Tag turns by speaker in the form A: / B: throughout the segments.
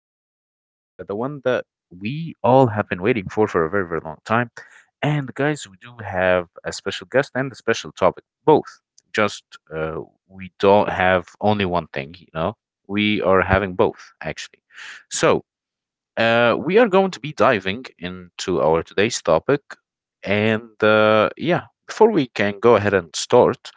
A: episode, the one that we all have been waiting for a very, very long time. And guys, we do have a special guest and a special topic, both. Just uh, we don't have only one thing, you know. We are having both, actually. So we are going to be diving into our today's topic. And Yeah, before we can go ahead and start,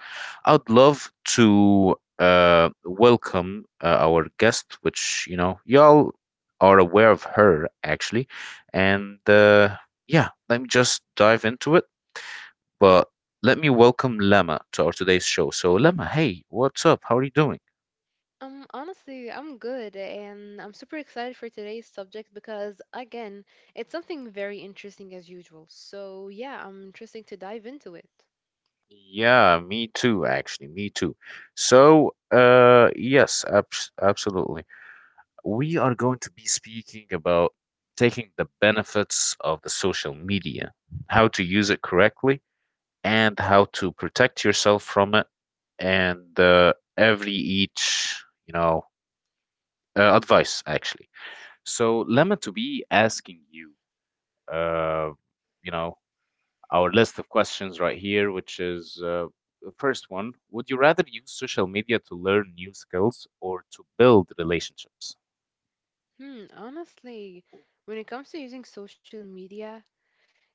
A: I'd love to welcome our guest, which, you know, y'all are aware of her actually. And Yeah, let me just dive into it. But let me welcome Lema to our today's show. So, Lema, hey, what's up? How are you doing?
B: Honestly, I'm good and I'm super excited for today's subject because, again, it's something very interesting as usual. So, yeah, I'm interested to dive into it.
A: Yeah, me too, actually, me too. So, yes, absolutely. We are going to be speaking about taking the benefits of the social media, how to use it correctly, and how to protect yourself from it, and every each, you know, advice, actually. So, Lemma, to be asking you, uh, you know, our list of questions right here, which is the first one. Would you rather use social media to learn new skills or to build relationships?
B: Hmm, honestly, when it comes to using social media,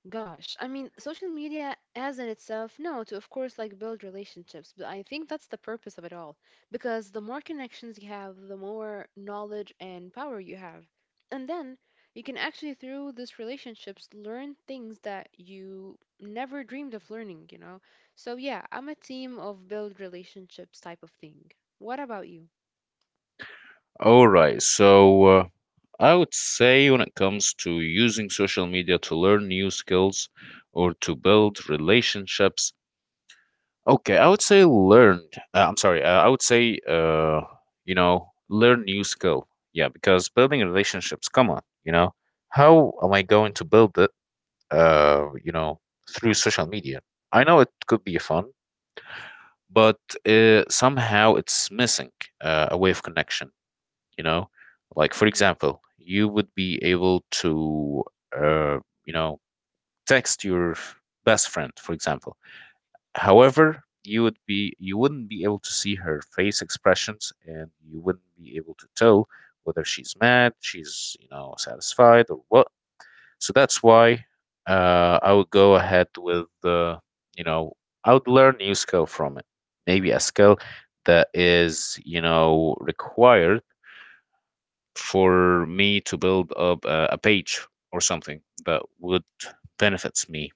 B: gosh, I mean, social media as in itself, no, to of course like build relationships, but I think that's the purpose of it all because the more connections you have, the more knowledge and power you have. And then you can actually, through these relationships, learn things that you never dreamed of learning, you know? So, yeah, I'm a team of build relationships type of thing. What about you?
A: All right. So, I would say when it comes to using social media to learn new skills or to build relationships, okay, I would say learned. I'm sorry, I would say, you know, learn new skill. Yeah, because building relationships, come on, you know, how am I going to build it, you know, through social media? I know it could be fun, but somehow it's missing a way of connection, you know, like for
B: Hmm.
A: example you would be able to, uh, you know, text your best friend for example. However, you wouldn't be able to see her face expressions and you wouldn't be able to tell whether she's mad, she's, you know, satisfied or what. So that's why I would go ahead with, you know, I would learn new skill from it. Maybe a skill that is, you know, required for me to build up a page or something that would benefits me,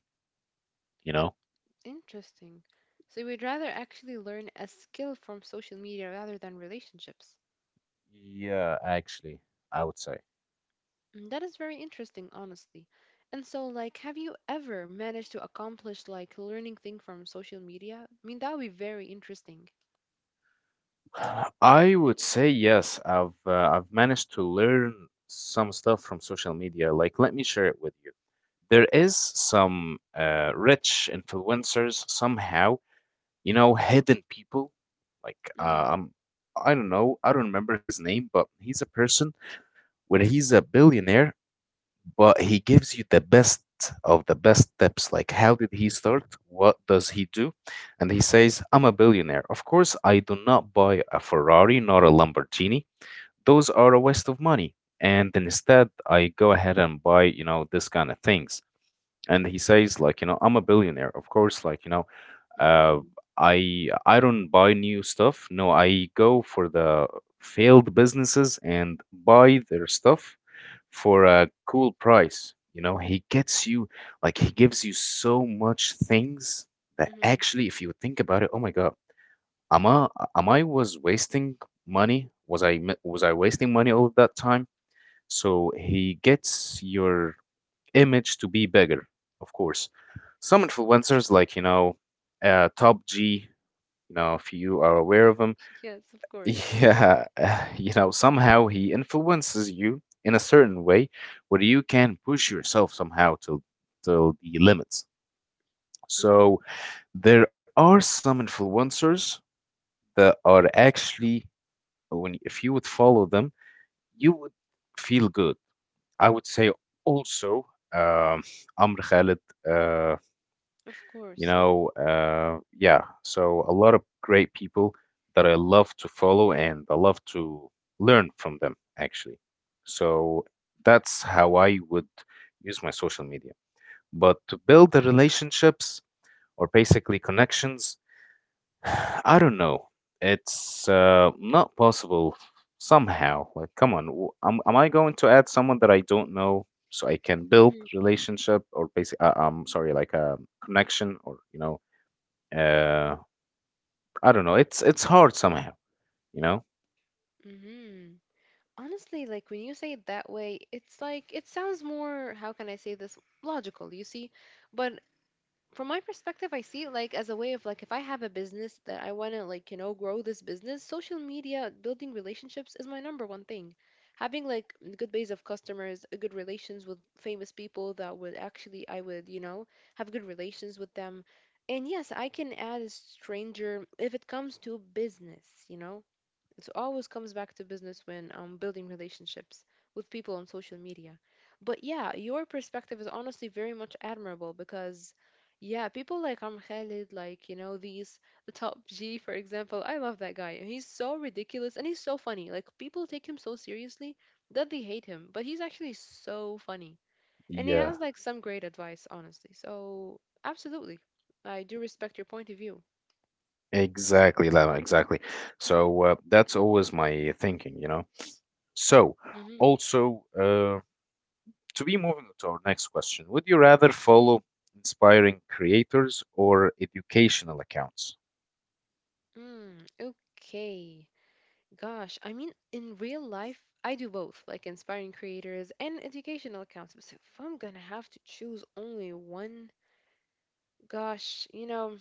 A: you know.
B: Interesting. So, you would rather actually learn a skill from social media rather than relationships.
A: Yeah, actually, I would say.
B: Mm, that is very interesting, honestly. And so, like, have you ever managed to accomplish like learning thing from social media? I mean, that would be very interesting.
A: I would say yes. I've managed to learn some stuff from social media. Like, let me share it with you. There is some rich influencers somehow, you know, hidden people. Like,
B: Mm-hmm.
A: um, I don't know, I don't remember his name, but he's a person where he's a billionaire, but he gives you the best of the best tips, like how did he start, what does he do. And he says, I'm a billionaire, of course, I do not buy a Ferrari nor a Lamborghini. Those are a waste of money. And instead I go ahead and buy, you know, this kind of things. And he says, like, you know, I'm a billionaire, of course, like, you know, uh,
B: Mm-hmm.
A: I don't buy new stuff. No, I go for the failed businesses and buy their stuff for a cool price. You know, he gets you, like he gives you so much things that
B: Mm-hmm.
A: actually, if you think about it, oh my God, am I am I was wasting money? Was I wasting money all that time? So he gets your image to be bigger, of course. Some influencers like, you know, Top G. You know, if you are aware
B: Hmm.
A: of him,
B: Yes, of course.
A: yeah, you know, somehow he influences you in a certain way where you can push yourself somehow to the limits.
B: Mm-hmm.
A: So there are some influencers that are actually, when if you would follow them, you would feel good. I would say also, um, Amr Khalid, uh,
B: Of
A: you
B: course, yeah.
A: know, yeah, so a lot of great people that I love to follow and I love to learn from them actually. So that's how I would use my social media. But to build the relationships or basically connections, I don't know, it's not possible somehow. Like come on, am I going to add someone that I don't know so I can build
B: Mm-hmm.
A: relationship or basic I'm sorry, like a connection or, you know, uh, I don't know. It's hard somehow, you know.
B: Mm-hmm. Honestly, like when you say it that way, it's like it sounds more, how can I say this, logical, you see? But from my perspective, I see it like as a way of, like, if I have a business that I want to, like, you know, grow this business, social media building relationships is my number one thing. Having like a good base of customers, a good relations with famous people that would actually, I would, you know, have good relations with them. And yes, I can add a stranger if it comes to business, you know, it always comes back to business when I'm building relationships with people on social media. But yeah, your perspective is honestly very much admirable because, yeah, people like Amr Khalid, like, you know, these, the top G, for example, I love that guy. And he's so ridiculous and he's so funny. Like, people take him so seriously that they hate him, but he's actually so funny. And he has,
A: Yeah.
B: like, some great advice, honestly. So, absolutely, I do respect your point of view.
A: Exactly, Lama, exactly. So that's always my thinking, you know. So,
B: Mm-hmm.
A: also, to be moving to our next question, would you rather follow inspiring creators or educational accounts?
B: Mm, okay. Gosh, I mean, in real life, I do both, like inspiring creators and educational accounts. But if I'm gonna have to choose only one, gosh, you know,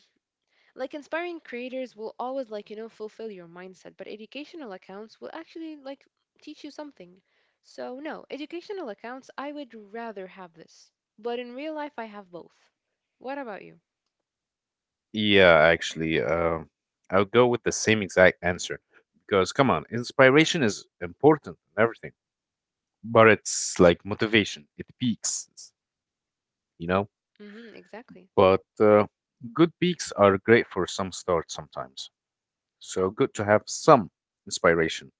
B: like inspiring creators will always, like, you know, fulfill your mindset, but educational accounts will actually, like, teach you something. So, no, educational accounts, I would rather have this. But in real life, I have both. What about you?
A: Yeah, actually, I'll go with the same exact answer because, come on, inspiration is important and everything, but it's like motivation. It peaks, you know?
B: Mm-hmm, exactly.
A: But good peaks are great for some start sometimes. So good to have some inspiration,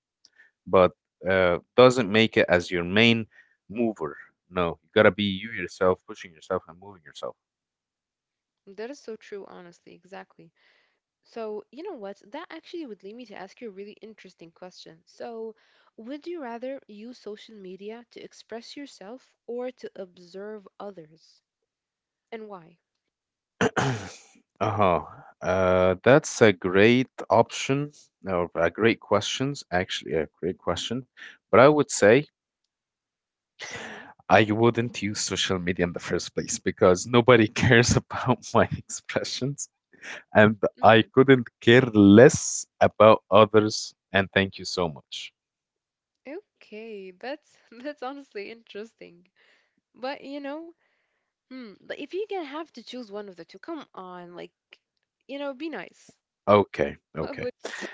A: but doesn't make it as your main mover. No, you gotta be you yourself, pushing yourself and moving yourself.
B: That is so true, honestly, exactly. So, you know what? That actually would lead me to ask you a really interesting question. So, would you rather use social media to express yourself or to observe others? And why?
A: Uh-huh. That's a great option or a great questions, actually a great question. But I would say
B: Hmm.
A: I wouldn't use social media in the first place because nobody cares about my expressions, and I
B: Hmm.
A: couldn't care less about others. And thank you so much.
B: Okay, that's that's honestly interesting. But you know, hmm, but if you can have to choose one of the two, come on, like, you know, be nice.
A: Okay,
B: What would
A: okay.
B: it be?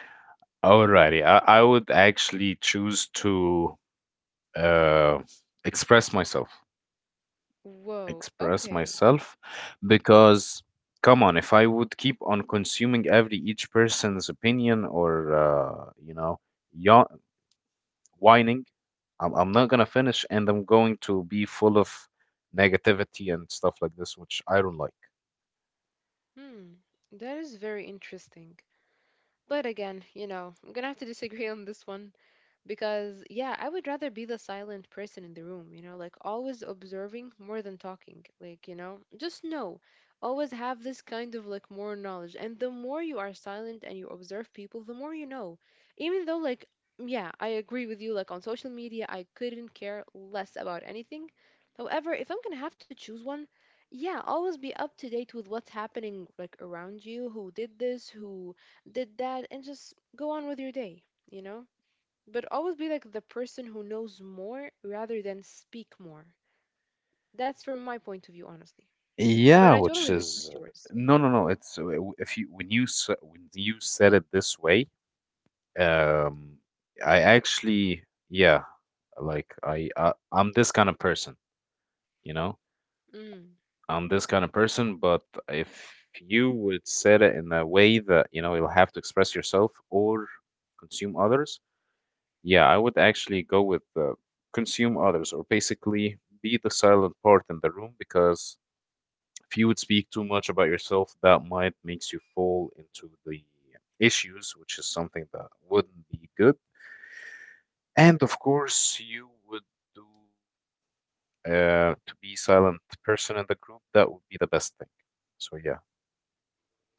A: Alrighty, I would actually choose to, uh, express myself,
B: Whoa,
A: express
B: okay.
A: myself, because come on, if I would keep on consuming every each person's opinion or, you know, yawn, whining, I'm not gonna finish, and I'm going to be full of negativity and stuff like this, which I don't like.
B: Hmm, that is very interesting. But again, you know, I'm gonna have to disagree on this one. Because yeah, I would rather be the silent person in the room, you know, like always observing more than talking, like, you know, just know, always have this kind of like more knowledge, and the more you are silent and you observe people the more you know. Even though, like, yeah, I agree with you, like on social media I couldn't care less about anything. However, if I'm gonna have to choose one, yeah, always be up to date with what's happening like around you, who did this, who did that, and just go on with your day, you know. But always be like the person who knows more rather than speak more. That's from my point of view, honestly. But I
A: Yeah,
B: totally
A: which
B: respect
A: is
B: yours.
A: no, no, no. It's, if you, when you said it this way, Um, I actually, yeah, like I'm this kind of person, you know?
B: Mm,
A: I'm this kind of person, but if you would set it in a way that, you know, you'll have to express yourself or consume others, yeah, I would actually go with, consume others or basically be the silent part in the room, because if you would speak too much about yourself, that might makes you fall into the issues, which is something that wouldn't be good. And of course, you would do, to be silent person in the group. That would be the best thing. So yeah.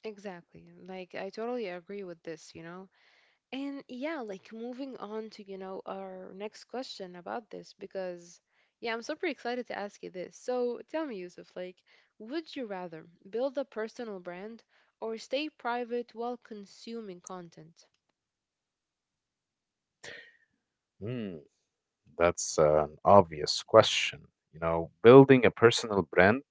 B: exactly. Like, I totally agree with this, you know? And yeah, like moving on to, you know, our next question about this, because yeah, I'm super excited to ask you this. So tell me, Yusuf, like, would you rather build a personal brand or stay private while consuming content?
A: Hmm, that's an obvious question. You know, building a personal brand,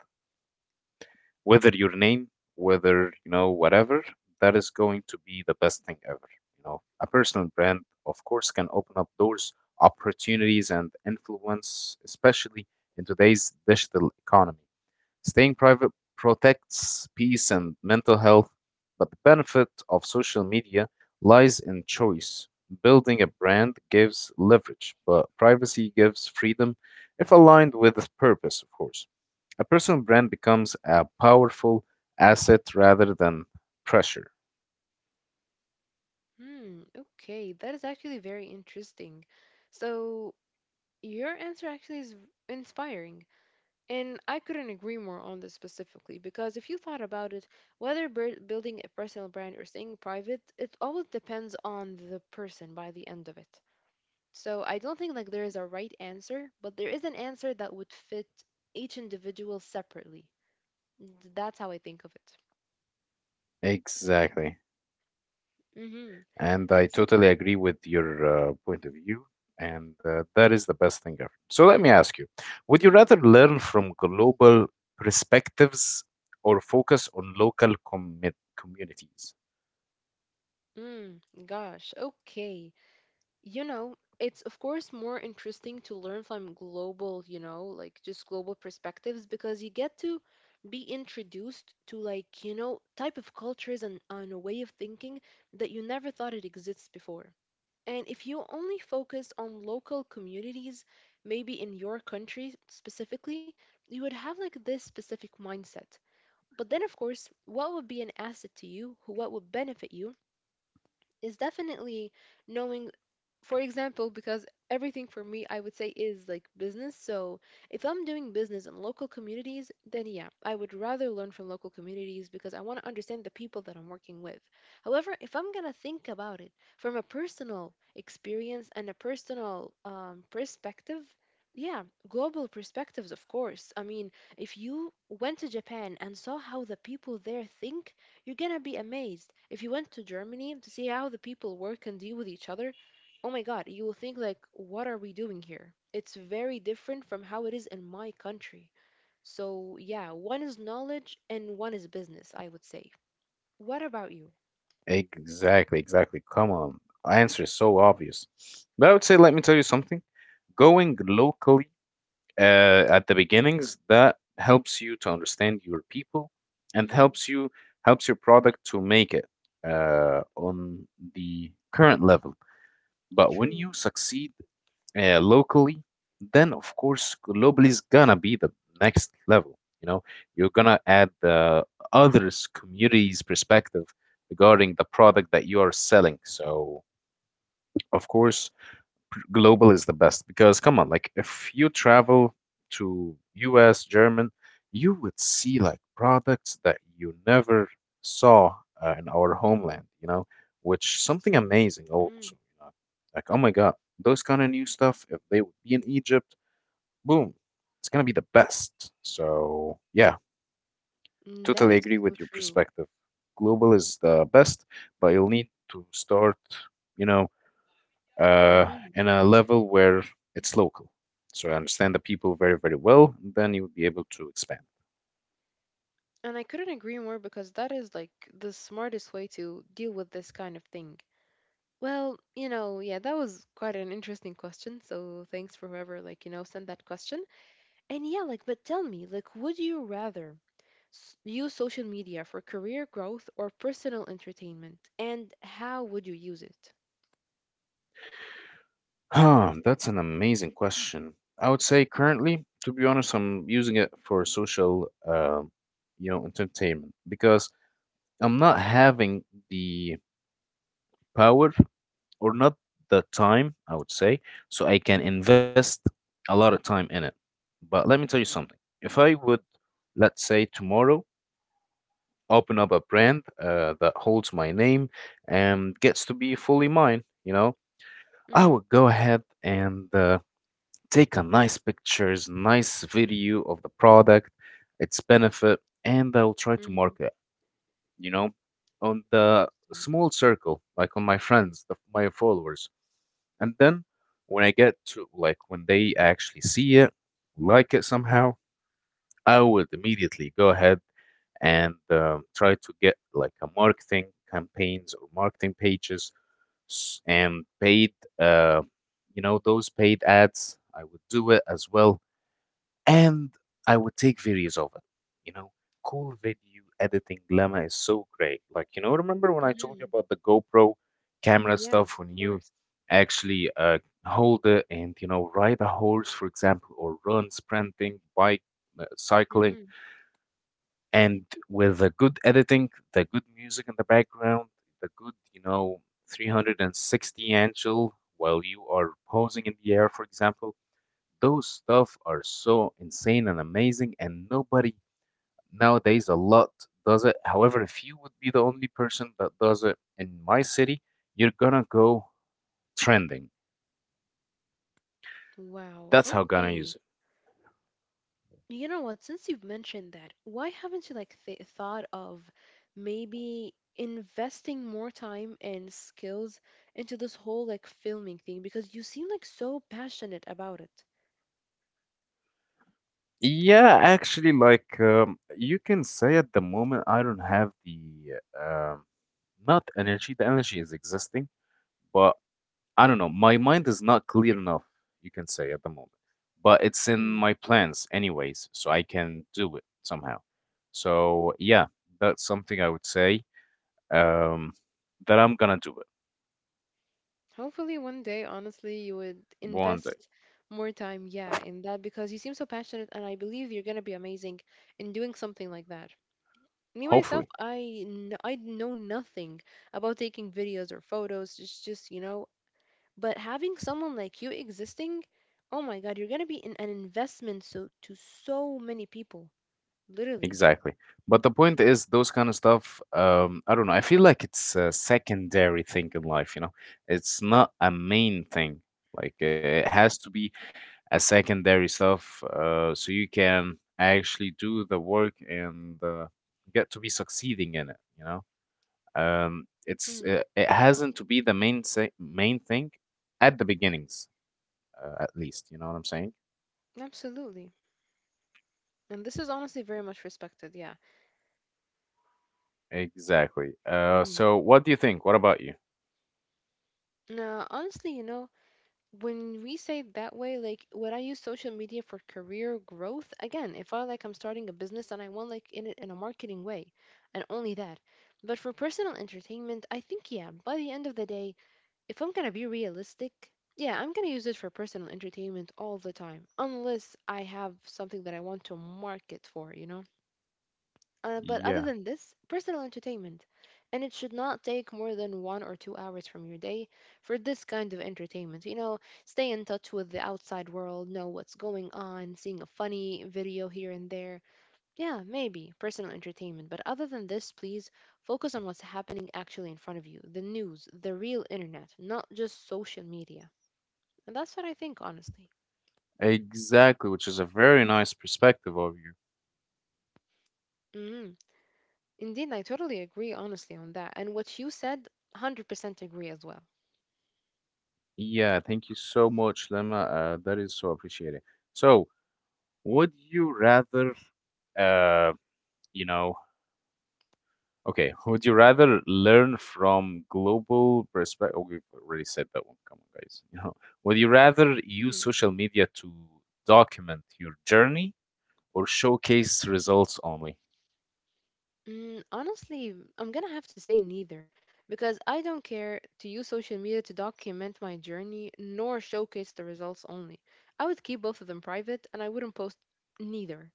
A: whether your name, whether you know whatever, that is going to be the best thing ever. You know, a personal brand, of course, can open up doors, opportunities, and influence, especially in today's digital economy. Staying private protects peace and mental health, but the benefit of social media lies in choice. Building a brand gives leverage, but privacy gives freedom if aligned with its purpose, of course. A personal brand becomes a powerful asset rather than pressure.
B: Hmm, okay, that is actually very interesting. So, your answer actually is inspiring, and I couldn't agree more on this specifically because if you thought about it, whether building a personal brand or staying private, it always depends on the person by the end of it. So, I don't think like there is a right answer, but there is an answer that would fit each individual separately. That's how I think of it.
A: Exactly.
B: Mm-hmm.
A: And I
B: And so,
A: totally agree with your point of view. And that is the best thing ever. So let me ask you, would you
B: mm,
A: rather learn from global perspectives or focus on local commit communities?
B: mm, gosh, okay. You know, it's of course more interesting to learn from global, you know, like just global perspectives because you get to be introduced to like, you know, type of cultures and on a way of thinking that you never thought it exists before. And if you only focus on local communities, maybe in your country specifically, you would have like this specific mindset. But then, of course, what would be an asset to you, who what would benefit you, is definitely knowing, for example, because everything for me, I would say, is like business. So if I'm doing business in local communities, then yeah, I would rather learn from local communities because I want to understand the people that I'm working with. However, if I'm going to think about it from a personal experience and a personal perspective, yeah, global perspectives, of course. I mean, if you went to Japan and saw how the people there think, you're gonna be amazed. If you went to Germany to see how the people work and deal with each other, oh my God, you will think like, what are we doing here? It's very different from how it is in my country. So yeah, one is knowledge and one is business, I would say. What about you?
A: Exactly, exactly. Come on. Answer is so obvious. But I would say, let me tell you something. Going local, at the beginnings that helps you to understand your people and
B: Mm-hmm.
A: helps you, helps your product to make it on the current level. But when
B: True.
A: you succeed locally, then of course globally is gonna be the next level, you know. You're gonna add the others communities perspective regarding the product that you are selling. So of course global is the best, because come on, like if you travel to US, German, you would see like products that you never saw in our homeland, you know, which something amazing
B: Mm-hmm.
A: also, you know. Like, oh my God, those kind of new stuff, if they would be in Egypt, boom, it's gonna be the best. So yeah,
B: Mm, that
A: totally
B: is
A: agree
B: so
A: with your
B: true.
A: perspective. Global is the best, but you'll need to start, you know, uh,
B: Mm-hmm.
A: in a level where it's local. So I understand the people very, very well, and then you would be able to expand.
B: And I couldn't agree more because that is like the smartest way to deal with this kind of thing. Well, you know, yeah, that was quite an interesting question. So thanks for whoever like, you know, sent that question. And yeah, like, but tell me, like, would you rather use social media for career growth or personal entertainment? And how would you use it?
A: Huh, that's an amazing question. I would say currently, to be honest, I'm using it for social, you know, entertainment because I'm not having the power or not the time, I would say, so I can
B: Mm-hmm.
A: invest a lot of time in it. But let me tell you something. If I would, let's say tomorrow, open up a brand that holds my name and gets to be fully mine, you know, I
B: Mm-hmm.
A: would go ahead and, take a nice pictures, nice video of the product, its benefit, and I'll try to
B: Mm-hmm.
A: market, you know, on the
B: Interesting.
A: small circle, like on my friends, the, my followers. And then when I get to, like, when they actually see it, like it somehow, I would immediately go ahead and, try to get like a marketing campaigns or marketing pages, and paid, uh, you know, those paid ads. I would do it as well, and I would take videos of it. You know, cool video editing, Lemma, is so great. Like, you know, remember when I told you
B: Mm-hmm.
A: about the GoPro camera stuff
B: Yes,
A: when
B: of
A: you
B: course.
A: actually hold it and, you know, ride a horse, for example, or run, sprinting, bike, cycling.
B: Mm-hmm.
A: And with the good editing, the good music in the background, the good, you know, 360 angle while you are posing in the air, for example, those stuff are so insane and amazing, and nobody nowadays a lot does it. However, if you would be the only person that does it in my city, you're gonna go trending.
B: Wow.
A: That's how gonna use
B: Okay.
A: it.
B: You know what? Since you've mentioned that, why haven't you like th thought of maybe investing more time and skills into this whole like filming thing? Because you seem like so passionate about it.
A: Yeah, actually, like you can say at the moment, I don't have the um, not energy. The energy is existing, but I don't know. My mind is not clear enough, you can say at the moment, but it's in my plans anyways, so I can do it somehow. So yeah, that's something I would say um, that I'm gonna do it
B: Hopefully, one day, honestly, you would
A: one day,
B: invest more time, yeah, in that because you seem so passionate, and I believe you're gonna be amazing in doing something like that. Me myself,
A: hopefully.
B: I I know nothing about taking videos or photos. It's just, you know, but having someone like you existing, oh my God, you're gonna be in an investment so to so many people, literally.
A: Exactly. But the point is, those kind of stuff, I don't know. I feel like it's a secondary thing in life, you know? It's not a main thing. Like it has to be a secondary stuff so you can actually do the work and get to be succeeding in it, you know. It's
B: Hmm,
A: it, it hasn't to be the main thing at the beginnings, at least. You know what I'm saying?
B: absolutely. And this is honestly very much respected, yeah.
A: Exactly.
B: Hmm.
A: So what do you think? What about you?
B: Now, honestly, you know, when we say it that way, like would I use social media for career growth? Again, if I like I'm starting a business and I want like in it in a marketing way and only that. But for personal entertainment, I think yeah, by the end of the day, if I'm gonna be realistic, yeah, I'm gonna use it for personal entertainment all the time. Unless I have something that I want to market for, you know? But other
A: Yeah,
B: than this, personal entertainment. And it should not take more than 1 or 2 hours from your day for this kind of entertainment. You know, stay in touch with the outside world, know what's going on, seeing a funny video here and there. Yeah, maybe personal entertainment. But other than this, please focus on what's happening actually in front of you, the news, the real internet, not just social media. And that's what I think, honestly.
A: exactly, which is a very nice perspective of you.
B: Mm, indeed, I totally agree, honestly, on that. And what you said, 100% agree as well.
A: Yeah, thank you so much, Lema, that is so appreciated. So, would you rather uh, you know okay, would you rather learn from global perspective? Oh, we've already said that one. Come on, guys. You know, would you rather use
B: Mm-hmm.
A: social media to document your journey or showcase results only?
B: Mm, honestly, I'm gonna have to say neither, because I don't care to use social media to document my journey nor showcase the results only. I would keep both of them private and I wouldn't post neither.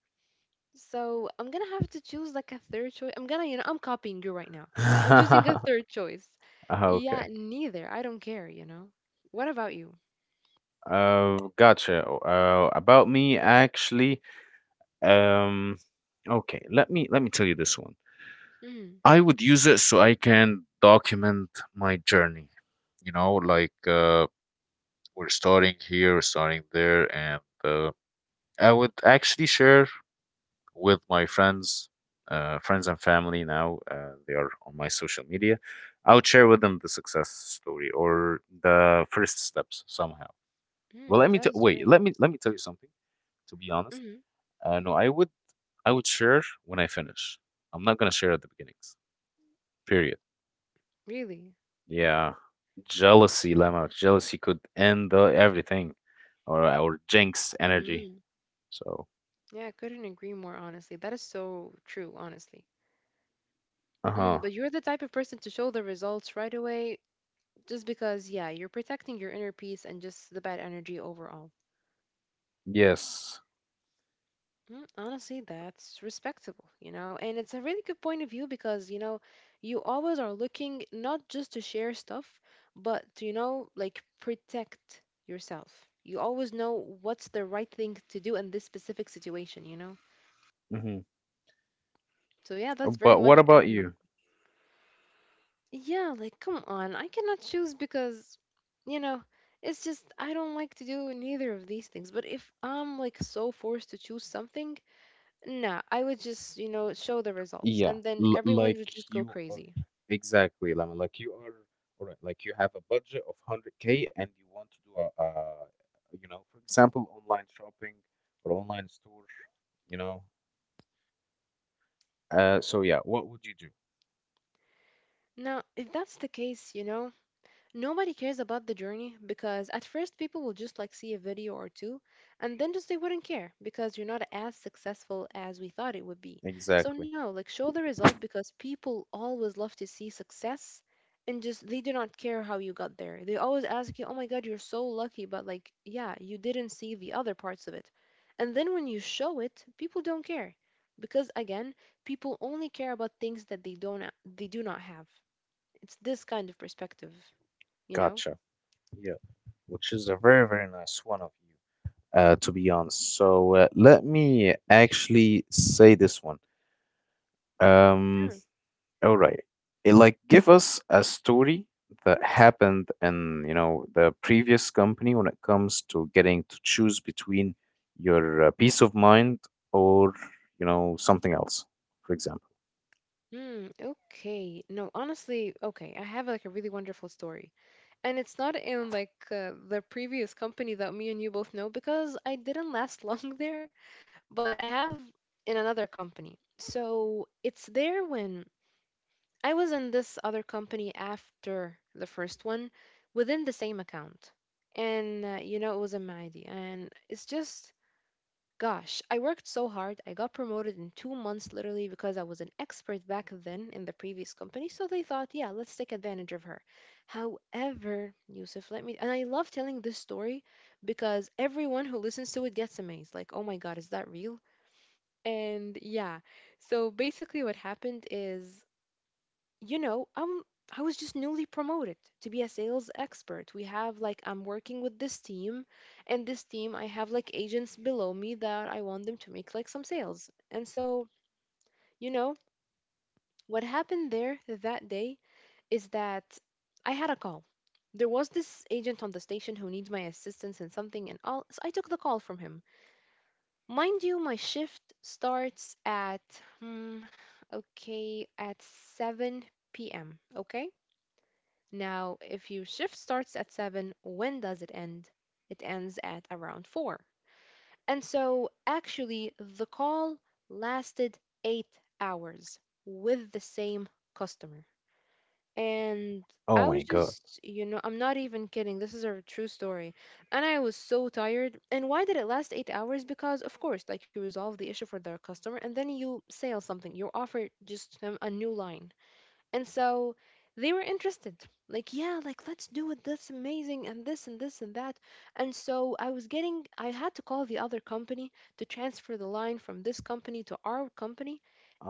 B: So I'm gonna have to choose like a third choice. I'm gonna, you know, I'm copying you right now. I'm choosing a third choice. Yeah,
A: Okay.
B: neither. I don't care, you know. What about you?
A: Gotcha. Oh, about me, actually. Um, okay. Let me tell you this one.
B: Mm,
A: I would use it so I can document my journey. You know, like we're starting here, we're starting there, and I would actually share with my friends, friends and family now. They are on my social media. I would share with them the success story or the first steps somehow. Well,
B: mm, that is very
A: wait. Let me let
B: interesting.
A: me tell you something. To be honest,
B: Mm,
A: no, I would share when I finish. I'm not gonna share at the beginnings. Period.
B: really?
A: Yeah, jealousy, Lemma. Jealousy could end everything, or jinx energy.
B: Mm,
A: So,
B: yeah, I couldn't agree more, honestly. That is so true, honestly.
A: uh huh.
B: Mm, but you're the type of person to show the results right away just because, yeah, you're protecting your inner peace and just the bad energy overall.
A: Yes.
B: Mm, honestly, that's respectable, you know? And it's a really good point of view because, you know, you always are looking not just to share stuff, but to, like protect yourself. You always know what's the right thing to do in this specific situation, you know?
A: Hmm.
B: So, yeah, that's very
A: But what
B: much
A: about you?
B: admirable. Yeah, like come on. I cannot choose because you know, it's just I don't like to do neither of these things. But if I'm like so forced to choose something, nah, I would just, show the results
A: Yeah,
B: and then everyone would
A: like
B: just go
A: you are
B: crazy.
A: exactly, Lemon. Like you are, or like you have a budget of 100K and you want to do a, you know, for example, online shopping or online store, you know. So yeah, what would you do?
B: Now, if that's the case, you know, nobody cares about the journey because at first people will just like see a video or two and then just they wouldn't care because you're not as successful as we thought it would be. So
A: Exactly.
B: no, like show the result because people always love to see success and just they do not care how you got there. They always ask you, "Oh my god, you're so lucky," but like, yeah, you didn't see the other parts of it. And then when you show it, people don't care because again, people only care about things that they do not have. It's this kind of perspective, you know?
A: Gotcha. Yeah, which is a very, very nice one of you, to be honest. So let me actually say this one. Um,
B: Sure.
A: all right. It, like, give us a story that happened in, you know, the previous company when it comes to getting to choose between your peace of mind or, you know, something else, for example.
B: Hmm. Okay. No, honestly, okay. I have like a really wonderful story, and it's not in like the previous company that me and you both know because I didn't last long there, but I have in another company. So it's there when I was in this other company after the first one, within the same account, and you know it was a Maidi, and it's just gosh, I worked so hard. I got promoted in 2 months literally because I was an expert back then in the previous company. So they thought, yeah, let's take advantage of her. However, Yusuf, let me. And I love telling this story because everyone who listens to it gets amazed. Like, oh my God, is that real? And yeah. So basically, what happened is you know, I'm I was just newly promoted to be a sales expert. We have like I'm working with this team and this team I have like agents below me that I want them to make like some sales. And so, you know, what happened there that day is that I had a call. There was this agent on the station who needs my assistance in something and all so I took the call from him. Mind you, my shift starts at hmm, okay, at 7 p.m., okay? Now, if your shift starts at 7, when does it end? It ends at around 4. And so, actually, the call lasted 8 hours with the same customer. And
A: Oh
B: I
A: my
B: was
A: God.
B: just, you know, I'm not even kidding. This is a true story. And I was so tired. And why did it last 8 hours? Because, of course, like you resolve the issue for the customer and then you sell something, you offer just him a new line. And so they were interested. Like, yeah, like let's do it. That's amazing and this and this and that. And so I was getting I had to call the other company to transfer the line from this company to our company.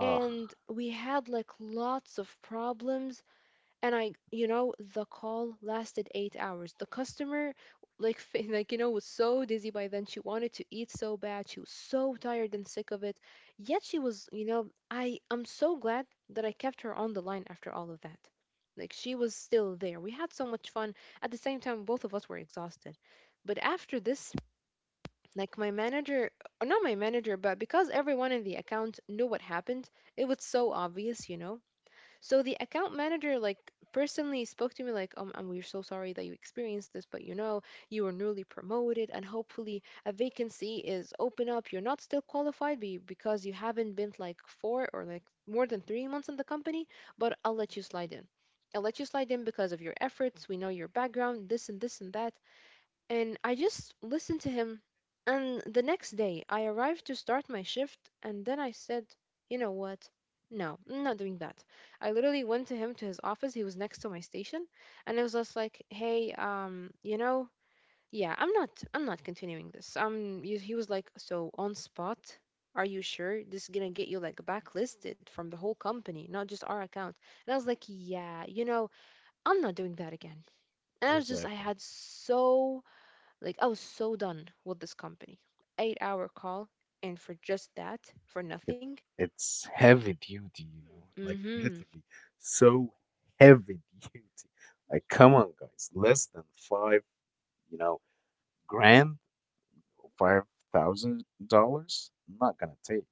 B: And we had like lots of problems and I, you know, the call lasted 8 hours. The customer, like, like you know, was so dizzy by then. She wanted to eat so bad. She was so tired and sick of it. Yet she was, I'm so glad that I kept her on the line after all of that. Like she was still there. We had so much fun. At the same time, both of us were exhausted. But after this, like my manager, or not my manager, but because everyone in the account knew what happened, it was so obvious, you know. So the account manager like personally spoke to me like, and we're so sorry that you experienced this, but you know, you were newly promoted and hopefully a vacancy is open up. You're not still qualified because you haven't been like four or like more than 3 months in the company, but I'll let you slide in. I'll let you slide in because of your efforts. We know your background, this and this and that. And I just listened to him. And the next day, I arrived to start my shift, and then I said, you know what? No, I'm not doing that. I literally went to him to his office. He was next to my station, and I was just like, "Hey, you know, yeah, I'm not continuing this." He was like, "So on spot? Are you sure this is gonna get you like backlisted from the whole company, not just our account?" And I was like, "Yeah, you know, I'm not doing that again." And I was just, I
A: exactly.
B: had so like I was so done with this company. 8 hour call, and for just that, for
A: it
B: nothing.
A: it's heavy duty, you know, like
B: Mm-hmm.
A: literally so heavy duty. Like, come on, guys, less than five, you know, grand, $5,000. I'm not gonna take.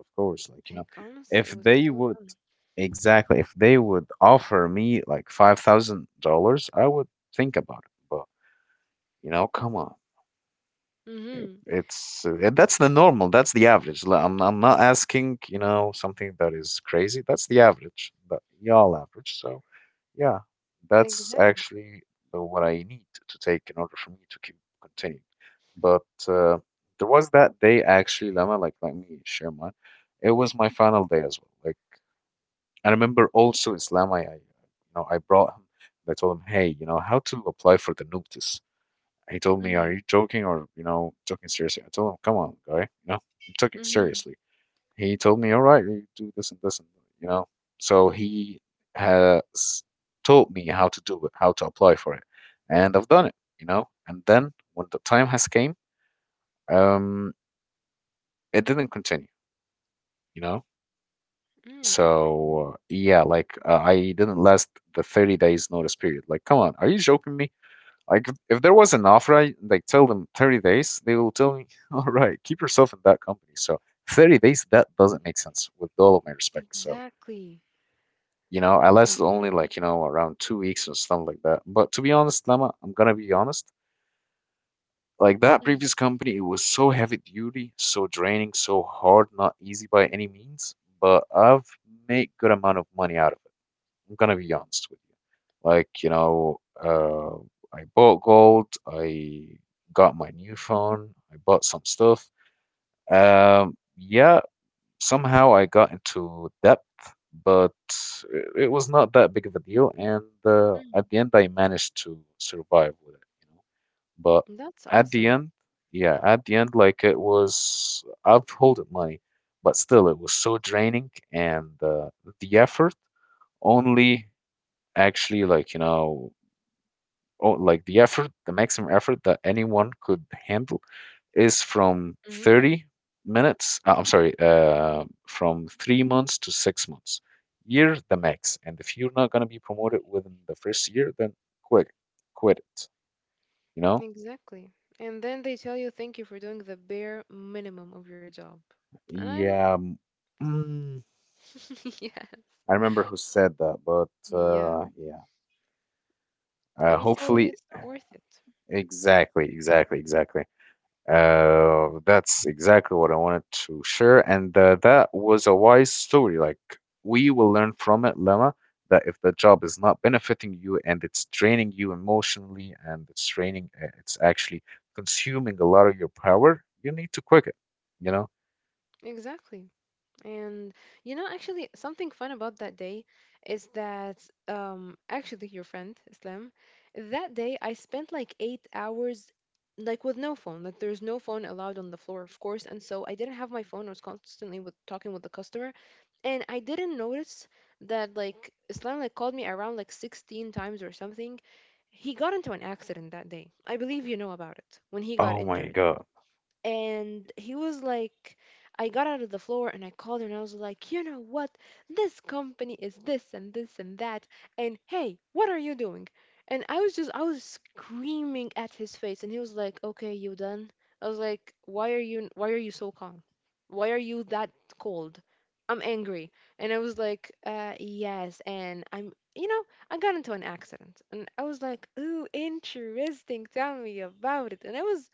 A: Of course, like, you know,
B: Like honestly, it
A: if
B: was
A: they
B: so
A: would
B: dumb.
A: exactly, if they would offer me like $5,000, I would think about it. But, you know, come on.
B: Mm-hmm.
A: It's that's the normal. That's the average. Like, I'm not asking, you know, something that is crazy. That's the average. That y'all average. So, yeah, that's
B: Exactly.
A: actually the, what I need to take in order for me to keep continuing. But there was that day actually, Lama. Like, let me share mine. It was my final day as well. Like, I remember also Islam. I you know, I brought him. I told him, "Hey, you know, how to apply for the notice." He told me, "Are
B: Mm-hmm.
A: you joking or you know joking seriously?" I told him, "Come on, guy, you know I'm joking
B: Mm-hmm.
A: seriously." He told me, "All right, you do this and this and you know." So he has taught me how to do it, how to apply for it, and I've done it, you know. And then when the time has came, um, it didn't continue, you know.
B: Mm, okay.
A: So yeah, like I didn't last the 30 days notice period. Like, come on, are you joking me? Like if there was an offer, I like tell them 30 days, they will tell me, all right, keep yourself in that company. So 30 days, that doesn't make sense with all of my respect. So,
B: Exactly.
A: you know, I
B: Oh my
A: lasted only
B: God.
A: like, you know, around 2 weeks or something like that. But to be honest, Lama, I'm gonna be honest. Like that previous
B: Mm,
A: company, it was so heavy duty, so draining, so hard, not easy by any means. But I've made good amount of money out of it. I'm gonna be honest with you. Like, you know, I bought gold, I got my new phone, I bought some stuff. Yeah, somehow I got into debt, but it was not that big of a deal. And
B: mm.
A: at the end, I managed to survive with it, you know. But
B: That's
A: at the
B: awesome.
A: end, yeah, at the end, like it was, I've holded money, but still, it was so draining, and the effort only actually, like, you know, oh, like the effort, the maximum effort that anyone could handle is from
B: Hmm.
A: 30 minutes, I'm sorry, from 3 months to 6 months year the max, and if you're not going to be promoted within the first year, then quit, quit it. You know,
B: Exactly. And then they tell you thank you for doing the bare minimum of your job. And I'm
A: yeah, mm, mm,
B: yeah.
A: I remember who said that, but
B: Yeah.
A: yeah,
B: And so
A: hopefully.
B: it's not worth it.
A: Exactly. That's exactly what I wanted to share. And that was a wise story. Like, we will learn from it, Lama, that if the job is not benefiting you and it's draining you emotionally and it's draining, it's actually consuming a lot of your power, you need to quit it, you know?
B: Exactly. And you know, actually, something fun about that day is that actually your friend Islam, that day I spent like 8 hours like with no phone. Like there's no phone allowed on the floor, of course. And so I didn't have my phone. I was constantly with talking with the customer. And I didn't notice that like Islam like called me around like 16 times or something. He got into an accident that day. I believe you know about it when he got
A: Oh my
B: injured
A: God.
B: and he was like I got out of the floor and I called her and I was like, you know what, this company is this and this and that. And hey, what are you doing? And I was screaming at his face and he was like, okay, you done. I was like, why are you, so calm? Why are you that cold? I'm angry. And I was like, yes. And I'm, you know, I got into an accident. And I was like, ooh, interesting, tell me about it. And I was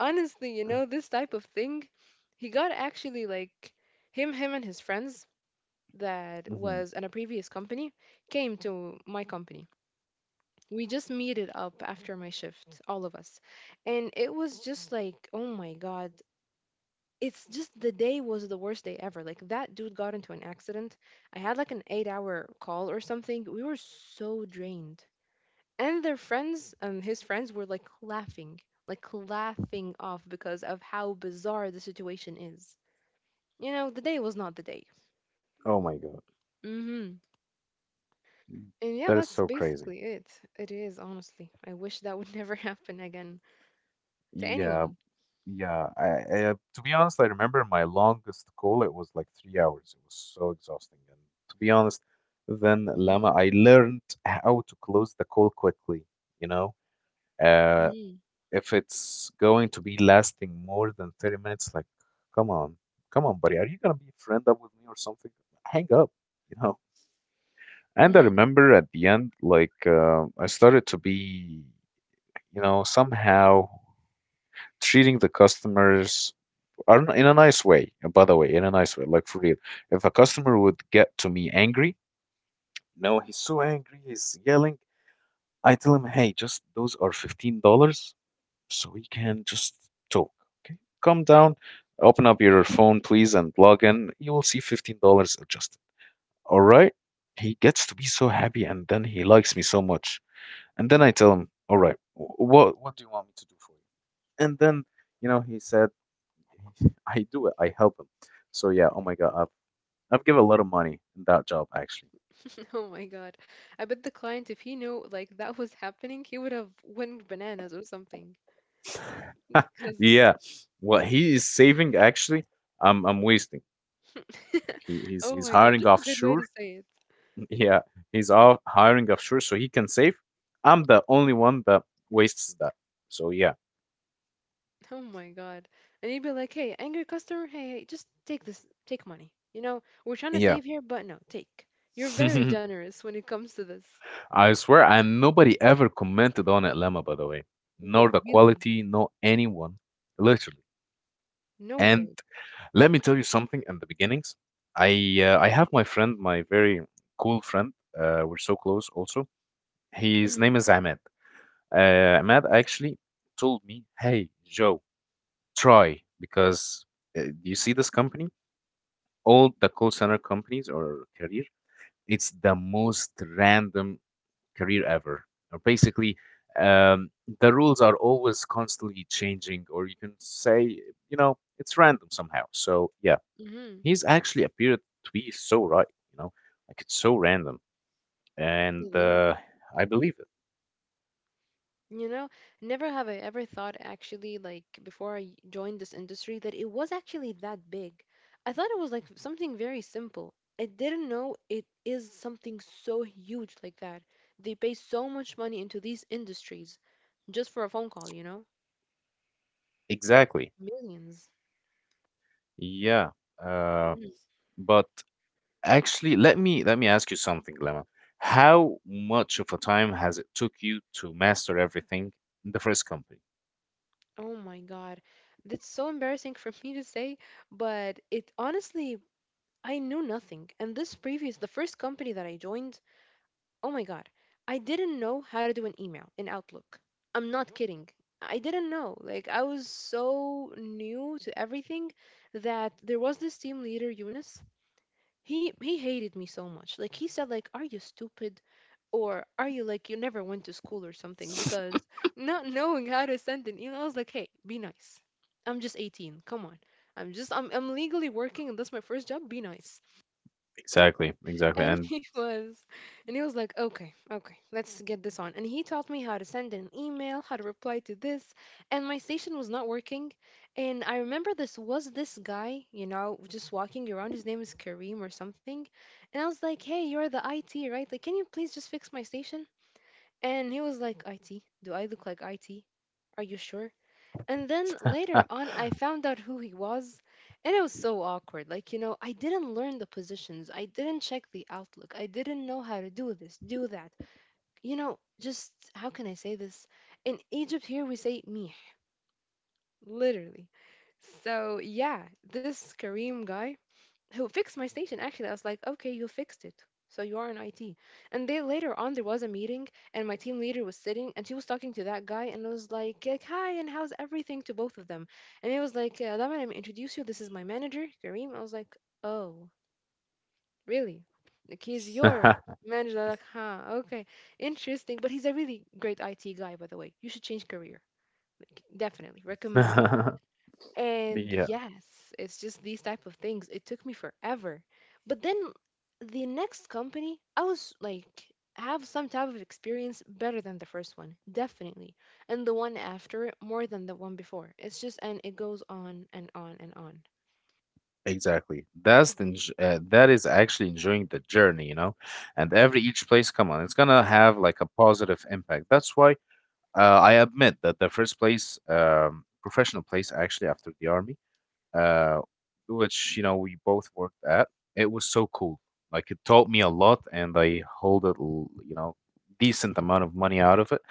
B: honestly, you know, this type of thing. He got actually like him and his friends that
A: Hmm.
B: was in a previous company came to my company. We just meeted up after my shift, all of us. And it was just like, oh my god, it's just the day was the worst day ever. Like that dude got into an accident, I had like an 8-hour call or something, we were so drained. And their friends, his friends were like laughing, like laughing off because of how bizarre the situation is. You know, the day was not the day.
A: Oh my God.
B: Mm-hmm. And yeah,
A: That is
B: that's
A: so crazy.
B: basically it. It is, honestly. I wish that would never happen again to
A: Yeah,
B: anyone.
A: yeah, I, to be honest, I remember my longest call, it was like 3 hours. It was so exhausting. And to be honest, then Lama,
B: Mm-hmm.
A: I learned how to close the call quickly, you know? Uh,
B: Mm-hmm.
A: if it's going to be lasting more than 30 minutes, like, come on, come on, buddy, are you gonna be friend up with me or something? Hang up, you know? And I
B: Mm-hmm.
A: remember at the end, like, I started to be, you know, somehow treating the customers. In a nice way, by the way, in a nice way, like for real. If a customer would get to me angry, no, he's so angry, he's yelling. I tell him, hey, just those are $15, so we can just talk. Okay, calm down, open up your phone, please, and log in. You will see $15 adjusted. All right. He gets to be so happy, and then he likes me so much. And then I tell him, all right, what do you want me to do for you? And then, you know, he said, I do it. I help him. So yeah, oh my god, I've given a lot of money in that job actually.
B: Oh my god, I bet the client if he knew like that was happening he would have went bananas or something because
A: Yeah, what he is saving actually, I'm wasting. Like he, he's
B: oh
A: he's
B: my god,
A: hiring
B: that's a good way
A: offshore.
B: to say it.
A: Yeah, he's out hiring offshore so he can save. I'm the only one that wastes that. So yeah,
B: Oh my god. And you'd be like, hey, angry customer, hey, hey, just take this, take money. You know, we're trying to
A: yeah.
B: save here, but no, take. You're very generous when it comes to this.
A: I swear, and nobody ever commented on it, Lemma. By the way, nor the
B: What, really?
A: quality, nor anyone, literally.
B: No
A: And
B: way.
A: let me tell you something. In the beginnings, I have my friend, my very cool friend. We're so close. Also, his
B: Mm,
A: name is Ahmed. Ahmed actually told me, "Hey, Joe, try because you see this company, all the call center companies or career, it's the most random career ever. Or basically." Um, the rules are always constantly changing, or you can say, you know, it's random somehow. So, yeah,
B: mm-hmm.
A: he's actually appeared to be so right, you know, like it's so random, and
B: It is.
A: I believe it.
B: You know, never have I ever thought actually, like, before I joined this industry, that it was actually that big. I thought it was like something very simple. I didn't know it is something so huge like that. They pay so much money into these industries just for a phone call, you know?
A: Exactly.
B: Millions.
A: Yeah. Uh,
B: Mm.
A: but actually, let me ask you something, Lemma. How much of a time has it took you to master everything in the first company?
B: Oh my God. That's so embarrassing for me to say, but it honestly, I knew nothing. And this previous, the first company that I joined, oh my God, I didn't know how to do an email in Outlook. I'm not kidding. I didn't know. Like, I was so new to everything that there was this team leader, Eunice. He hated me so much. Like he said, like, "Are you stupid? Or are you like you never went to school or something? Because not knowing how to send an email, I was like, hey, be nice. I'm just 18. Come on. I'm legally working and that's my first job. Be nice.
A: Exactly.
B: And
A: And
B: he was like, okay, okay, let's get this on. And he taught me how to send an email, how to reply to this. And my station was not working. And I remember this guy, you know, just walking around. His name is Kareem or something. And I was like, hey, you're the IT, right? Like, can you please just fix my station? And he was like, IT? Do I look like IT? Are you sure? And then later on, I found out who he was, and it was so awkward. I didn't learn the positions, I didn't check the outlook, I didn't know how to do this, do that. Just how can I say this? In Egypt, here we say mih, literally. So, yeah, this Kareem guy who fixed my station. Actually, I was like, okay, you fixed it, so you are in IT. And then later on there was a meeting, and my team leader was sitting and she was talking to that guy, and I was like, hi and how's everything to both of them. And he was like, Laman, let me introduce you, this is my manager Kareem. I was like, oh, really, like he's your manager? They're like huh, okay, interesting. But he's a really great IT guy. By the way, you should change career, like, definitely recommended. And
A: yeah,
B: yes, it's just these type of things. It took me forever. But then the next company, I was like, have some type of experience better than the first one, definitely. And the one after it more than the one before. It's just, and it goes on and on and on.
A: exactly. That's the that is actually enjoying the journey, you know. And every each place, come on, it's gonna have like a positive impact. That's why I admit that the first place, professional place, actually after the army, uh, which you know we both worked at, it was so cool. Like it taught me a lot, and I hold you know decent amount of money out of it.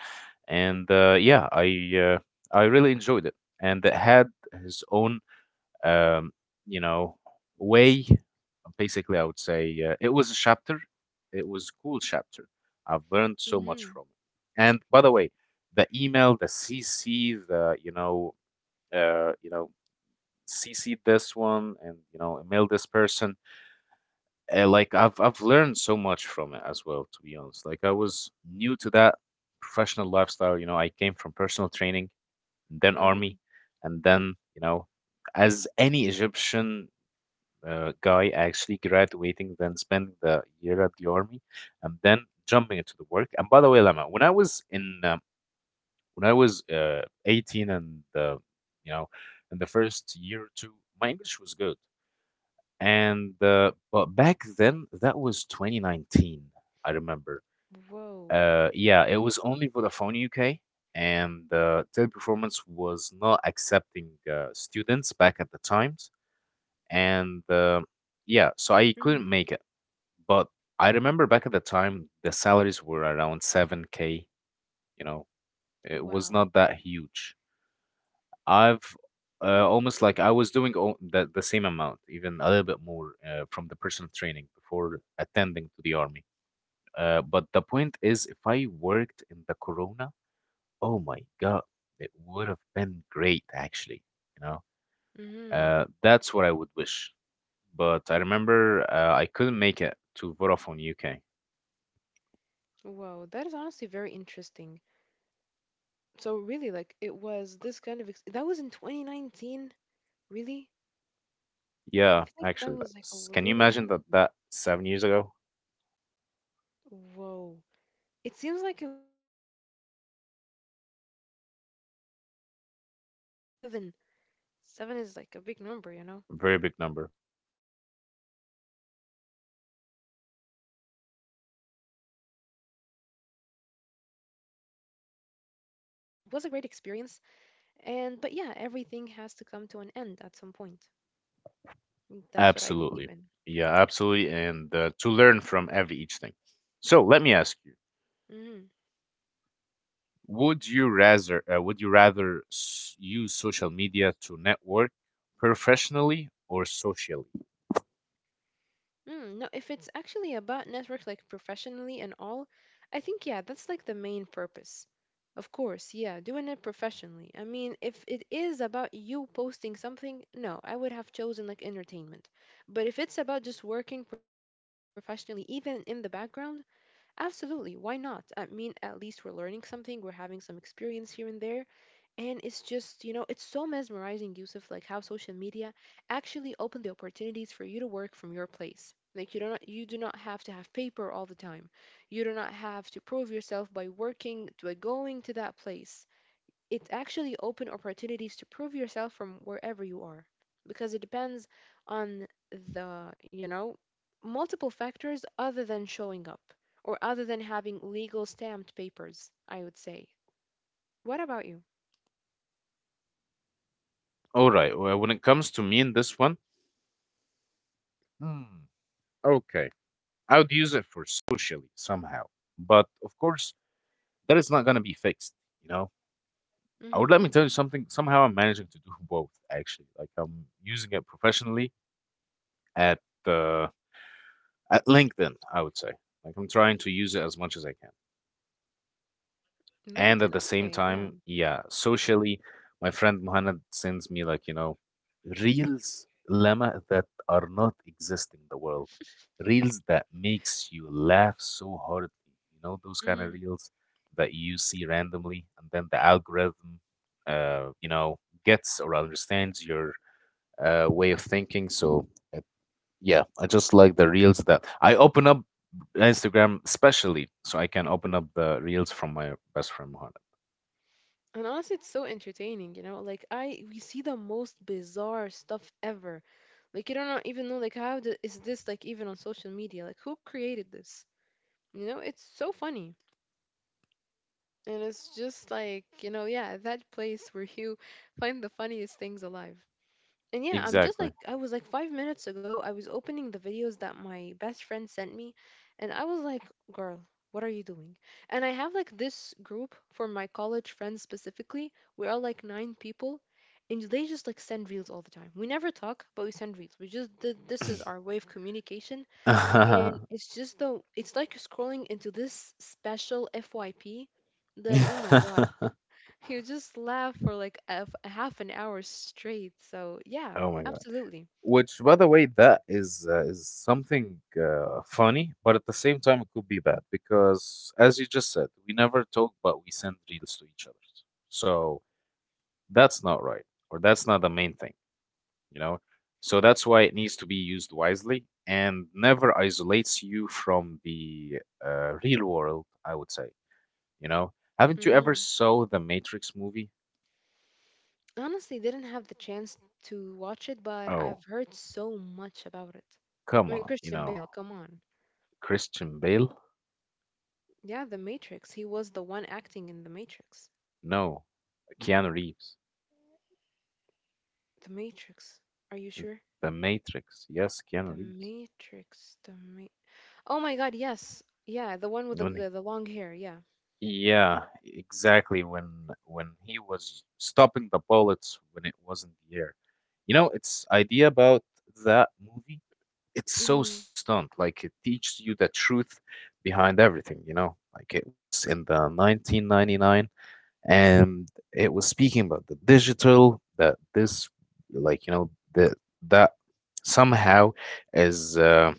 A: And yeah, I really enjoyed it, and it had his own um, you know, way. Basically, I would say it was a chapter. It was a cool chapter. I've learned so much
B: Mhm.
A: from it. And by the way, the email, the CC, the you know, CC this one and email this person. Like I've learned so much from it as well. To be honest, like I was new to that professional lifestyle. You know, I came from personal training, then
B: Mhm.
A: army, and then as any Egyptian guy actually graduating, then spending the year at the army, and then jumping into the work. And by the way, Lama, when I was 18 and you know in the first year or two, my English was good. And but back then, that was 2019. I remember.
B: Whoa.
A: Yeah, it was only Vodafone UK, and Teleperformance was not accepting students back at the times. And yeah, so I couldn't
B: Mm.
A: make it. But I remember back at the time, the salaries were around 7K, you know, it was
B: Wow.
A: not that huge. I've almost like I was doing all the same amount, even a little bit more from the personal training before attending to the army. But the point is, if I worked in the corona, oh my God, it would have been great, actually. You know,
B: Mhm.
A: that's what I would wish. But I remember I couldn't make it to Vodafone UK.
B: Whoa. That is honestly very interesting. So really, like it was this kind of that was in 2019, really? I
A: Yeah,
B: feel like that
A: actually,
B: was
A: like,
B: like
A: can you
B: really long
A: imagine that
B: ago.
A: that 7 years ago?
B: Whoa. It seems like it was just, you know, like I would say 2 years ago or something, not
A: Yesterday,
B: seven. 7 is like a big number, you know?
A: a very big number. But
B: Mm-hmm.
A: to be honest, it was so cool, you know.
B: Indeed, yes. Honestly, like we learned a lot from these people and it was a great experience. And, but yeah, everything has to come to an end at some point. That's what I believe
A: Absolutely,
B: in.
A: yeah, absolutely, and to learn from every each thing. So let me ask you:
B: Mhm.
A: Would you rather use social media to network professionally or socially?
B: Mm, no, if it's actually about networks like professionally and all, I think yeah, that's like the main purpose. Of course, yeah, doing it professionally. I mean, if it is about you posting something, no, I would have chosen like entertainment. But if it's about just working professionally, even in the background, absolutely, why not? I mean, at least we're learning something, we're having some experience here and there. And it's just, you know, it's so mesmerizing, Yusuf, like how social media actually opened the opportunities for you to work from your place. Like you do not have to have paper all the time. You do not have to prove yourself by working by going to that place. It actually open opportunities to prove yourself from wherever you are. Because it depends on the, you know, multiple factors other than showing up or other than having legal stamped papers, I would say. What about you?
A: All right. Well, when it comes to me in this one, hmm, okay, I would use it for socially somehow. But of course, that is not gonna be fixed. You know, I would
B: Mm-hmm.
A: let me tell you something. Somehow I'm managing to do both. Actually, like I'm using it professionally at uh, at LinkedIn. I would say like I'm trying to use it as much as I can. And at
B: LinkedIn,
A: the same
B: okay, yeah.
A: time, yeah, socially, my friend Muhammad sends me like, you know, reels, Lama, that are not existing in the world. Reels that makes you laugh so hard. You know, those kind of
B: Hmm.
A: reels that you see randomly, and then the algorithm, uh, you know, gets or understands your way of thinking. So, uh, yeah, I just like the reels that I open up Instagram, especially so I can open up the reels from my best friend Muhammad.
B: And honestly, it's so entertaining, you know? Like I we see the most bizarre stuff ever. Like you don't even know like is this like even on social media? Like who created this? You know, it's so funny. And it's just like, you know, yeah, that place where you find the funniest things alive. And yeah, I'm just
A: Exactly.
B: like I was like 5 minutes ago I was opening the videos that my best friend sent me and I was like, "Girl, what are you doing?" And I have like this group for my college friends specifically. We are like 9 people and they just like send reels all the time. We never talk, but we send reels. We just this is our way of communication, and it's just, though it's like you're scrolling into this special FYP that oh my god. You just laugh for like a half an hour straight. So, yeah,
A: Oh my god.
B: absolutely.
A: Which, by the way, that is something funny, but at the same time, it could be bad because, as you just said, we never talk, but we send reels to each other. So that's not right, or that's not the main thing, you know. So that's why it needs to be used wisely and never isolates you from the real world. I would say, you know. Haven't you ever
B: Hmm.
A: saw the Matrix movie?
B: Honestly, didn't have the chance to watch it, but
A: Oh,
B: I've heard so much about it. I
A: come
B: mean,
A: on, you
B: Christian
A: know,
B: Bale, come on.
A: Christian Bale?
B: Yeah, The Matrix. He was the one acting in The Matrix.
A: No, Keanu Reeves.
B: The Matrix. Are you sure?
A: The Matrix. Yes, Keanu
B: The
A: Reeves.
B: Matrix. Oh my God, yes. Yeah, the one with
A: When he-
B: the long hair. Yeah.
A: yeah, exactly. When he was stopping the bullets when it wasn't the air. You know, its idea about that movie, it's so
B: Mhm.
A: stunned. Like it teaches you the truth behind everything, you know? Like it was in the 1999 and it was speaking about the digital that this like you know that somehow is a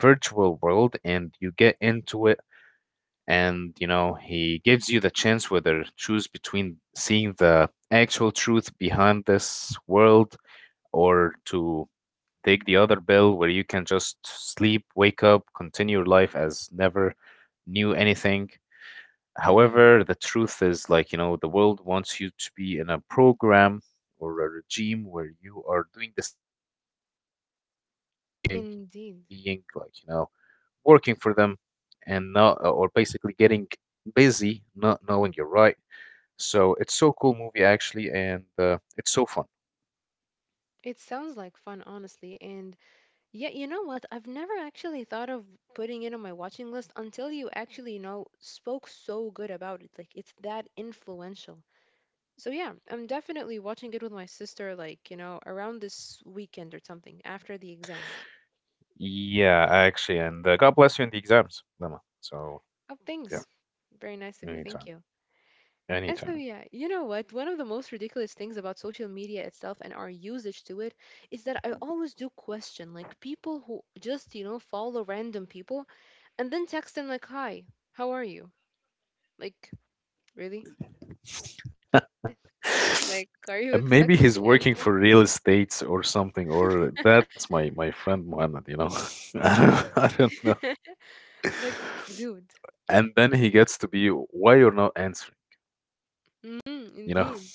A: virtual world and you get into it and you know he gives you the chance whether choose between seeing the actual truth behind this world or to take the other bill where you can just sleep wake up continue your life as never knew anything.
B: Mhm.
A: However, the truth is, like, you know, the world wants you to be in a program or a regime where you are doing the same thing,
B: Indeed.
A: being like, you know, working for them and not, or basically getting busy, not knowing you're right. So it's so cool movie actually, and it's so fun.
B: It sounds like fun, honestly, and yeah, you know what? I've never actually thought of putting it on my watching list until you actually, you know, spoke so good about it. Like, it's that influential. So, yeah, I'm definitely watching it with my sister, like, you know, around this weekend or something after the exams.
A: Yeah, actually, and God bless you in the exams, Lama. So
B: Oh,
A: yeah,
B: thanks. Very nice of you. Thank
A: anytime,
B: you. And so,
A: anytime.
B: yeah, you know what? One of the most ridiculous things about social media itself and our usage to it is that I always do question, like, people who just, you know, follow random people and then text them, like, hi, how are you? Like, really? Like, are you
A: And maybe
B: expecting
A: he's
B: an
A: working
B: answer?
A: for real estate or something, or that's my friend Muhammad, you know. I don't know.
B: Like, dude.
A: And then he gets to be why you're not answering,
B: Mm,
A: you know.
B: indeed.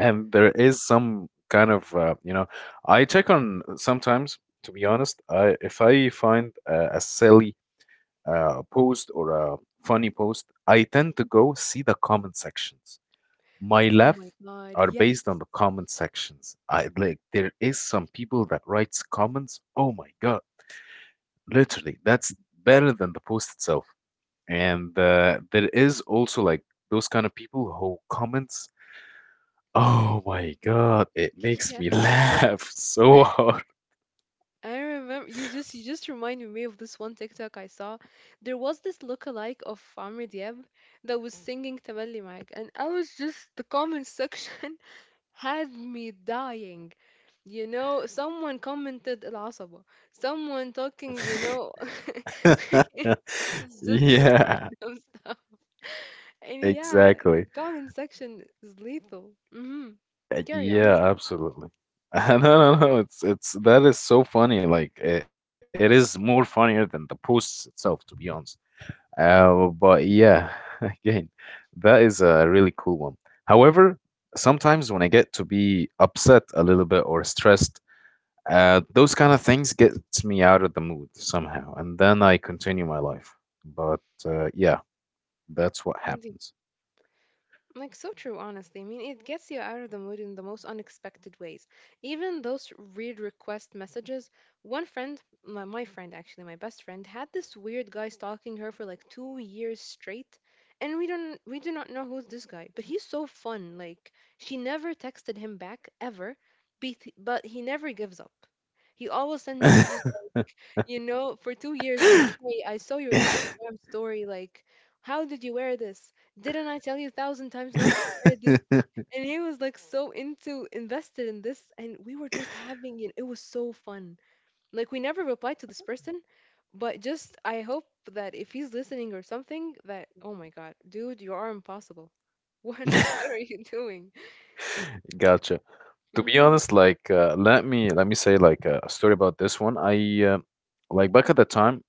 A: And there is some kind of I check on sometimes. To be honest, I if I find a silly post or a funny post, I tend to go see the comment sections my
B: Oh my
A: left
B: God.
A: are
B: Yes.
A: based on the comment sections. I like there is some people that writes comments. Oh my god, literally, that's better than the post itself. And there is also like those kind of people who comments. Oh my god, it makes me
B: Yes.
A: laugh so hard.
B: I remember you just reminded me of this one TikTok I saw. There was this lookalike of Amr Diab that was singing Tamalli Mike, and I was just the comment section had me dying. You know, someone commented العصبة. Someone talking, you know, it's just the
A: yeah,
B: random stuff. And yeah,
A: exactly.
B: the comment section is lethal. Hmm. Carry on. I'm
A: Yeah,
B: sorry.
A: absolutely. No, no, no. It's that is so funny. Like it is more funnier than the posts itself, to be honest. But yeah, again, that is a really cool one. However, sometimes when I get to be upset a little bit or stressed, those kind of things gets me out of the mood somehow, and then I continue my life. But yeah, that's what
B: Indeed.
A: happens.
B: Like so true, honestly. I mean, it gets you out of the mood in the most unexpected ways. Even those weird request messages. One friend, my friend actually, my best friend, had this weird guy stalking her for like 2 years straight, and we do not know who's this guy. But he's so fun. Like she never texted him back ever, but he never gives up. He always sends messages like, you know, for 2 years, like, hey, I saw your Instagram story. Like, how did you wear this? Didn't I tell you a thousand times not to wear this? And he was like so into invested in this, and we were just having it. It was so fun. Like, we never replied to this person, but just I hope that if he's listening or something, that oh my god, dude, you are impossible. What are you doing?
A: Gotcha. To be
B: Mhm.
A: honest, like, let me say like a story about this one. I like back at the time,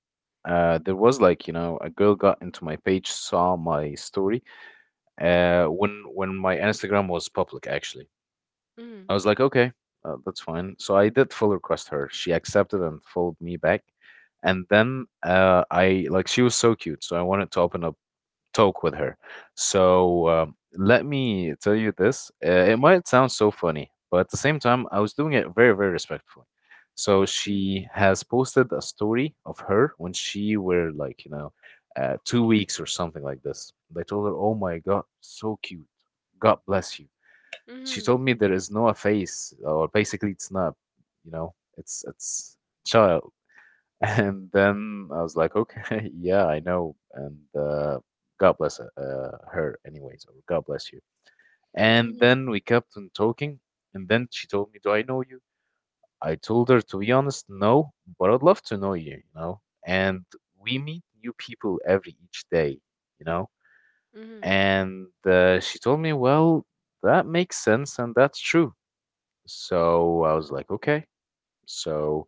A: there was like you know a girl got into my page, saw my story, uh, when my Instagram was public actually. I
B: Mhm.
A: was like, okay, that's fine. So I did full request her. She accepted and followed me back. And then I like she was so cute, so I wanted to open up talk with her. So let me tell you this. It might sound so funny, but at the same time, I was doing it very, very respectfully. So
B: Mhm.
A: she has posted a story of her when she were like, you know, 2 weeks or something like this. They told her, "Oh my God, so cute. God bless you." She
B: Mhm.
A: told me there is no a face, or basically it's not, you know, it's child. And then I was like, okay, yeah, I know. And God bless her, anyways, or God bless you. And
B: Mhm.
A: then we kept on talking. And then she told me, do I know you? I told her, to be honest, no, but I'd love to know you, you know. And we meet new people every each day, you know.
B: Mhm.
A: And she told me, well, that makes sense and that's true, so I was like, okay. So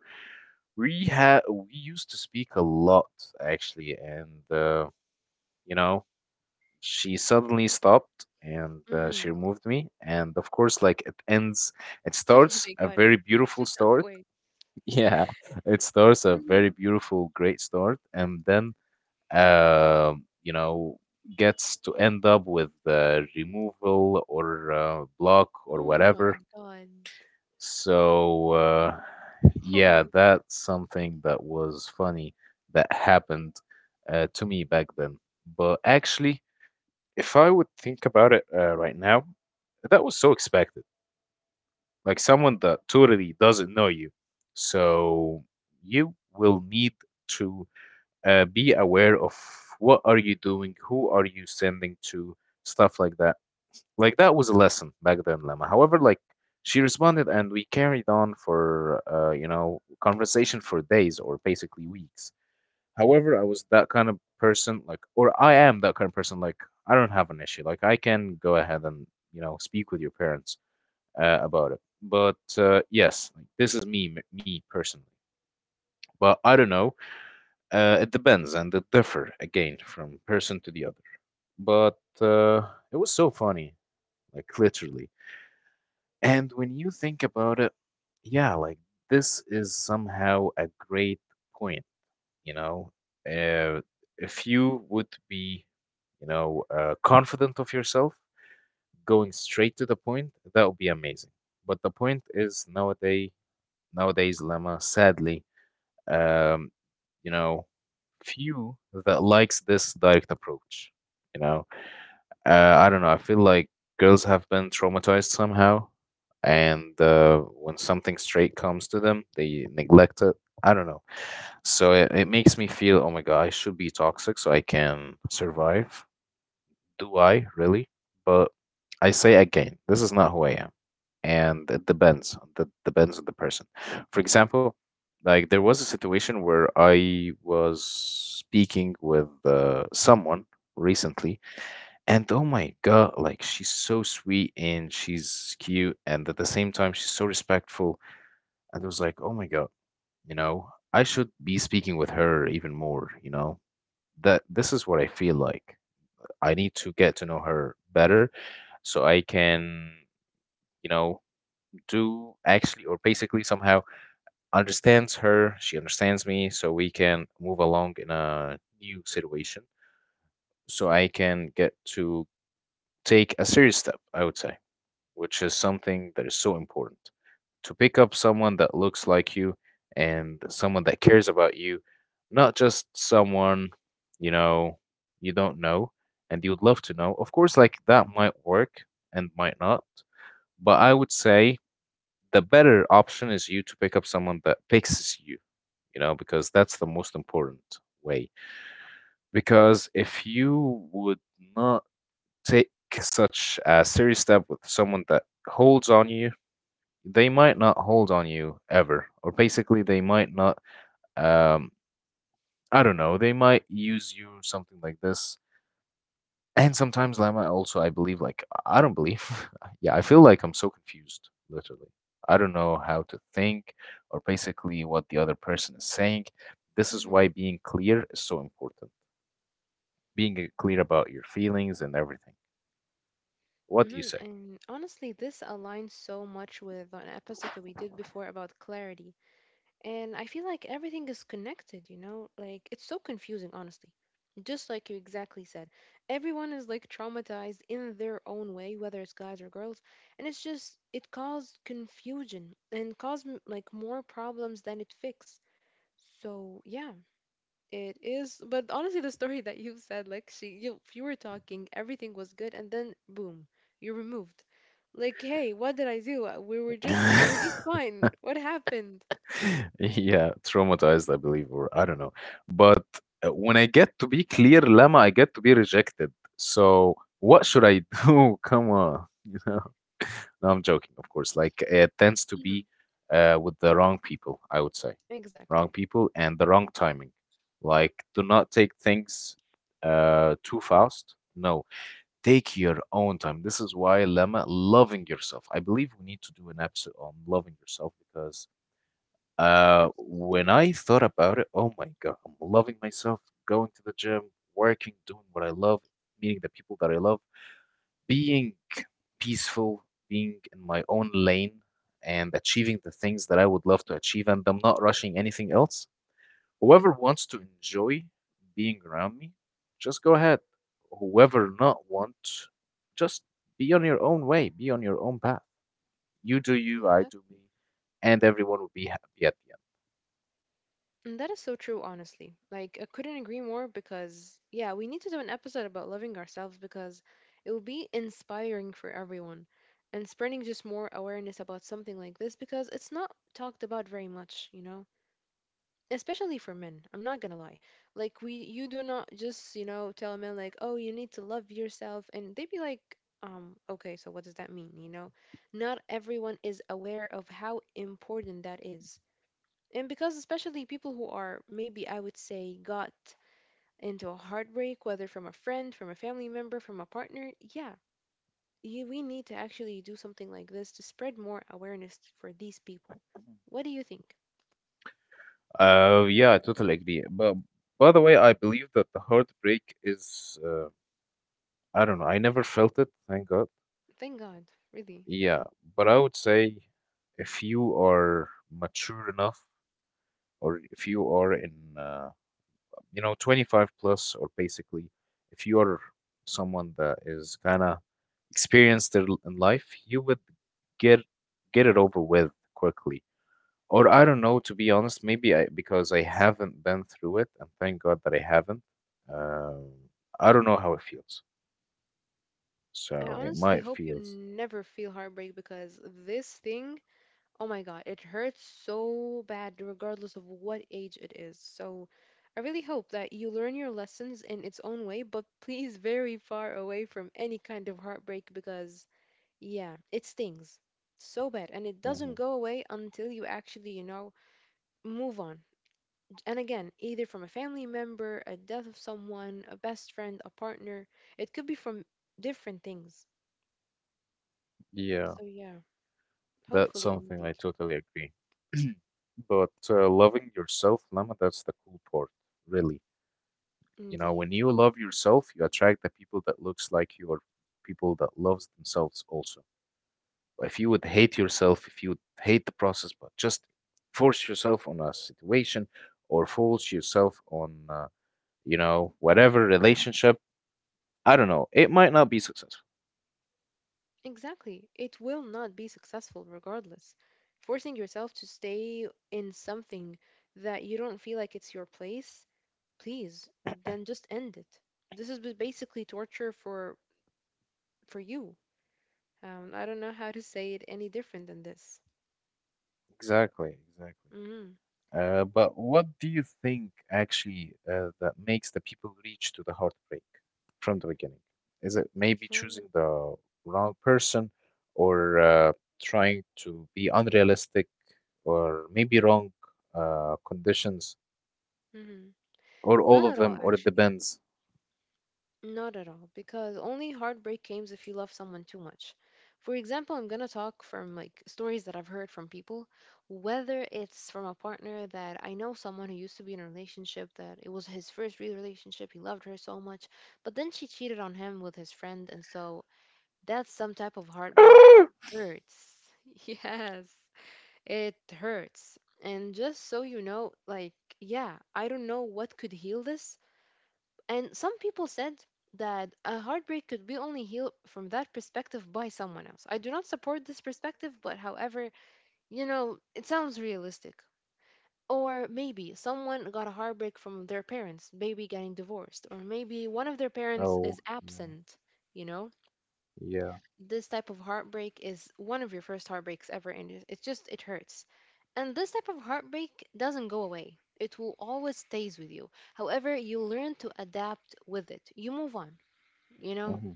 A: we used to speak a lot actually, and you know, she suddenly stopped and she
B: Mhm.
A: removed me, and of course, like it ends, it
B: Oh
A: starts
B: my
A: a
B: god.
A: very beautiful start.
B: Wait.
A: Yeah, it starts a
B: Mhm.
A: very beautiful, great start, and then you know gets to end up with removal or block or
B: Oh
A: whatever.
B: my God.
A: So yeah,
B: Holy.
A: that's something that was funny that happened to me back then. But actually, if I would think about it right now, that was so expected. Like someone that totally doesn't know you. So you will need to be aware of what are you doing, who are you sending to, stuff like that. Like that was a lesson back then, Lemma. However, like she responded and we carried on for conversation for days or basically weeks. However, I was that kind of person, like or I am that kind of person, like I don't have an issue. Like I can go ahead and, you know, speak with your parents about it. But yes, like, this is me, me personally. But I don't know. It depends and it differ again from person to the other. But it was so funny, like literally. And when you think about it, yeah, like this is somehow a great point, you know. Uh, if you would be, you know, confident of yourself, going straight to the point, that would be amazing. But the point is nowadays, nowadays, Lemma, sadly, um, you know, few that likes this direct approach, you know I don't know. I feel like girls have been traumatized somehow, and when something straight comes to them, they neglect it. I don't know. So it makes me feel, oh my God, I should be toxic so I can survive. Do I really? But I say again, this is not who I am. And it depends. That depends on the person. For example, like there was a situation where I was speaking with someone recently, and oh my God, like she's so sweet and she's cute, and at the same time, she's so respectful. And I was like, oh my God, you know, I should be speaking with her even more, you know, that this is what I feel like. I need to get to know her better so I can, you know, do actually or basically somehow understands her, she understands me, so we can move along in a new situation, so I can get to take a serious step, I would say, which is something that is so important. To pick up someone that looks like you and someone that cares about you, not just someone, you know, you don't know and you would love to know. Of course, like that might work and might not, but I would say the better option is you to pick up someone that fixes you, you know, because that's the most important way. Because if you would not take such a serious step with someone that holds on you, they might not hold on you ever, or basically they might not, um I don't know, they might use you, something like this. And sometimes Lama, also I believe, like I don't believe yeah, I feel like I'm so confused, literally. I don't know how to think, or basically what the other person is saying. This is why
B: Hmm.
A: being clear is so important, being clear about your feelings and everything. What do you
B: Hmm.
A: say?
B: And honestly, this aligns so much with an episode that we did before about clarity. And I feel like everything is connected, you know? Like, it's so confusing, honestly. Just like you exactly said, everyone is like traumatized in their own way, whether it's guys or girls. And it's just, it caused confusion and caused like more problems than it fixed. So, yeah, it is, but honestly, the story that you said, like, you were talking, everything was good, and then boom, you're removed. Like, hey, what did I do? We were just, we're just fine. What happened?
A: Yeah, traumatized, I believe, or I don't know. But when I get to be clear, Lama, I get to be rejected. So what should I do? Come on, you know. No, I'm joking, of course. Like it tends to be
B: Hmm.
A: with the wrong people, I would say.
B: Exactly.
A: Wrong people and the wrong timing. Like, do not take things too fast. No, take your own time. This is why, Lemma, loving yourself. I believe we need to do an episode on loving yourself because when
B: Absolutely.
A: I thought about it, oh my God, I'm loving myself, going to the gym, working, doing what I love, meeting the people that I love, being peaceful, being in my own lane, and achieving the things that I would love to achieve, and I'm not rushing anything else. Whoever wants to enjoy being around me, just go ahead. Whoever not want, just be on your own way, be on your own path. You do you, I do
B: Exactly.
A: me, and everyone will be happy at the end.
B: And that is so true, honestly. Like, I couldn't agree more because, yeah, we need to do an episode about loving ourselves because it will be inspiring for everyone and spreading just more awareness about something like this because it's not talked about very much, you know? Especially for men, I'm not gonna lie. Like we you do not just, you know, tell a man like, oh, you need to love yourself, and they'd be like, um, okay, so what does that mean, you know? Not everyone is aware of how important that is. And because especially people who are maybe, I would say, got into a heartbreak, whether from a friend, from a family member, from a partner, yeah, you, we need to actually do something like this to spread more awareness for these people. What do you think?
A: Yeah, I totally agree. But by the way, I believe that the heartbreak is, I don't know, I never felt it, thank God.
B: Thank god. Really?
A: Yeah, but I would say if you are mature enough, or if you are in, you know, 25 plus, or basically, if you are someone that is kind of experienced in life, you would get get it over with quickly. Or I don't know, to be honest, maybe I, because I haven't been through it, and thank God that I haven't. Um, I don't know how it feels,
B: I
A: so it
B: honestly
A: might
B: hope you
A: feels.
B: never feel heartbreak because this thing, oh my God, it hurts so bad regardless of what age it is. So I really hope that you learn your lessons in its own way, but please very far away from any kind of heartbreak because, yeah, it stings so bad and it
A: Hmm.
B: doesn't go away until you actually, you know, move on. And again, either from a family member, a death of someone, a best friend, a partner, it could be from different things.
A: Yeah.
B: So, yeah.
A: That's
B: Hopefully,
A: something
B: indeed.
A: I totally agree. But loving yourself, Lama, that's the cool part, really. You know, when
B: Indeed.
A: you love yourself, you attract the people that looks like you, or people that loves themselves also. If you would hate yourself, if you would hate the process, but just force yourself on a situation, or force yourself on, you know, whatever relationship, I don't know, it might not be successful.
B: Exactly. It will not be successful regardless. Forcing yourself to stay in something that you don't feel like it's your place, please, then just end it. This is basically torture for you. I don't know how to say it any different than this.
A: Exactly, exactly.
B: Mm-hmm.
A: But what do you think actually that makes the people reach to the heartbreak from the beginning? Is it maybe
B: For,
A: choosing the wrong person, or trying to be unrealistic, or maybe wrong conditions,
B: mm-hmm.
A: or
B: Not
A: all
B: at
A: of
B: all,
A: them, or it
B: actually.
A: depends?
B: Not at all, because only heartbreak comes if you love someone too much. For example, I'm gonna talk from like stories that I've heard from people, whether it's from a partner that I know someone who used to be in a relationship that it was his first real relationship, he loved her so much, but then she cheated on him with his friend, and so that's some type of heartbreak that hurts. Yes, it hurts. And just so you know, like, yeah, I don't know what could heal this, and some people said that a heartbreak could be only healed from that perspective by someone else. I do not support this perspective, but however, you know, it sounds realistic. Or maybe someone got a heartbreak from their parents, maybe getting divorced, or maybe one of their parents
A: Oh,
B: is
A: yeah,
B: absent, you know?
A: yeah,
B: This type of heartbreak is one of your first heartbreaks ever, and it's just, it hurts. And this type of heartbreak doesn't go away. It will always stays with you. However, you learn to adapt with it. You move on, you know?
A: hmm.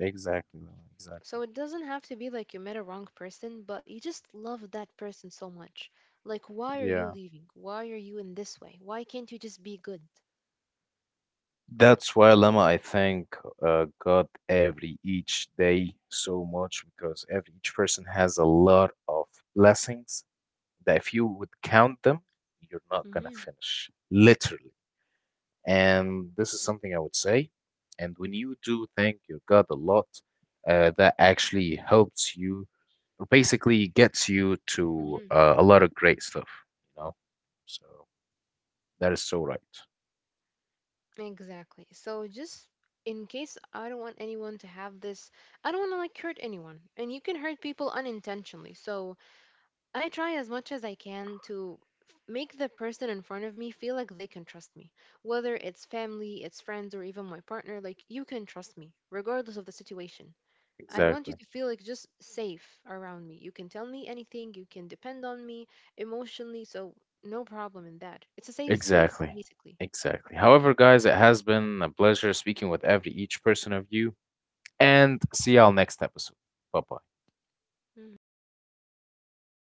A: Exactly, Lama, exactly.
B: So it doesn't have to be like you met a wrong person, but you just love that person so much. Like, why are you
A: Yeah.
B: leaving? Why are you in this way? Why can't you just be good?
A: That's why, Lama, I thank God every each day so much, because every each person has a lot of blessings that if you would count them, you're not gonna
B: Hmm.
A: finish, literally. And this is something I would say. And when you do thank your God a lot, that actually helps you, or basically gets you to
B: Hmm.
A: a lot of great stuff, you know? So that is so right.
B: Exactly. So just in case I don't want anyone to have this, I don't want to like hurt anyone. And you can hurt people unintentionally. So I try as much as I can to make the person in front of me feel like they can trust me. Whether it's family, it's friends, or even my partner, like you can trust me, regardless of the situation. I want you
A: Exactly.
B: to feel like just safe around me. You can tell me anything, you can depend on me emotionally, so no problem in that. It's a safe space,
A: Exactly.
B: basically.
A: Exactly. However, guys, it has been a pleasure speaking with every each person of you, and see y'all next episode. Bye bye.
B: Mm-hmm.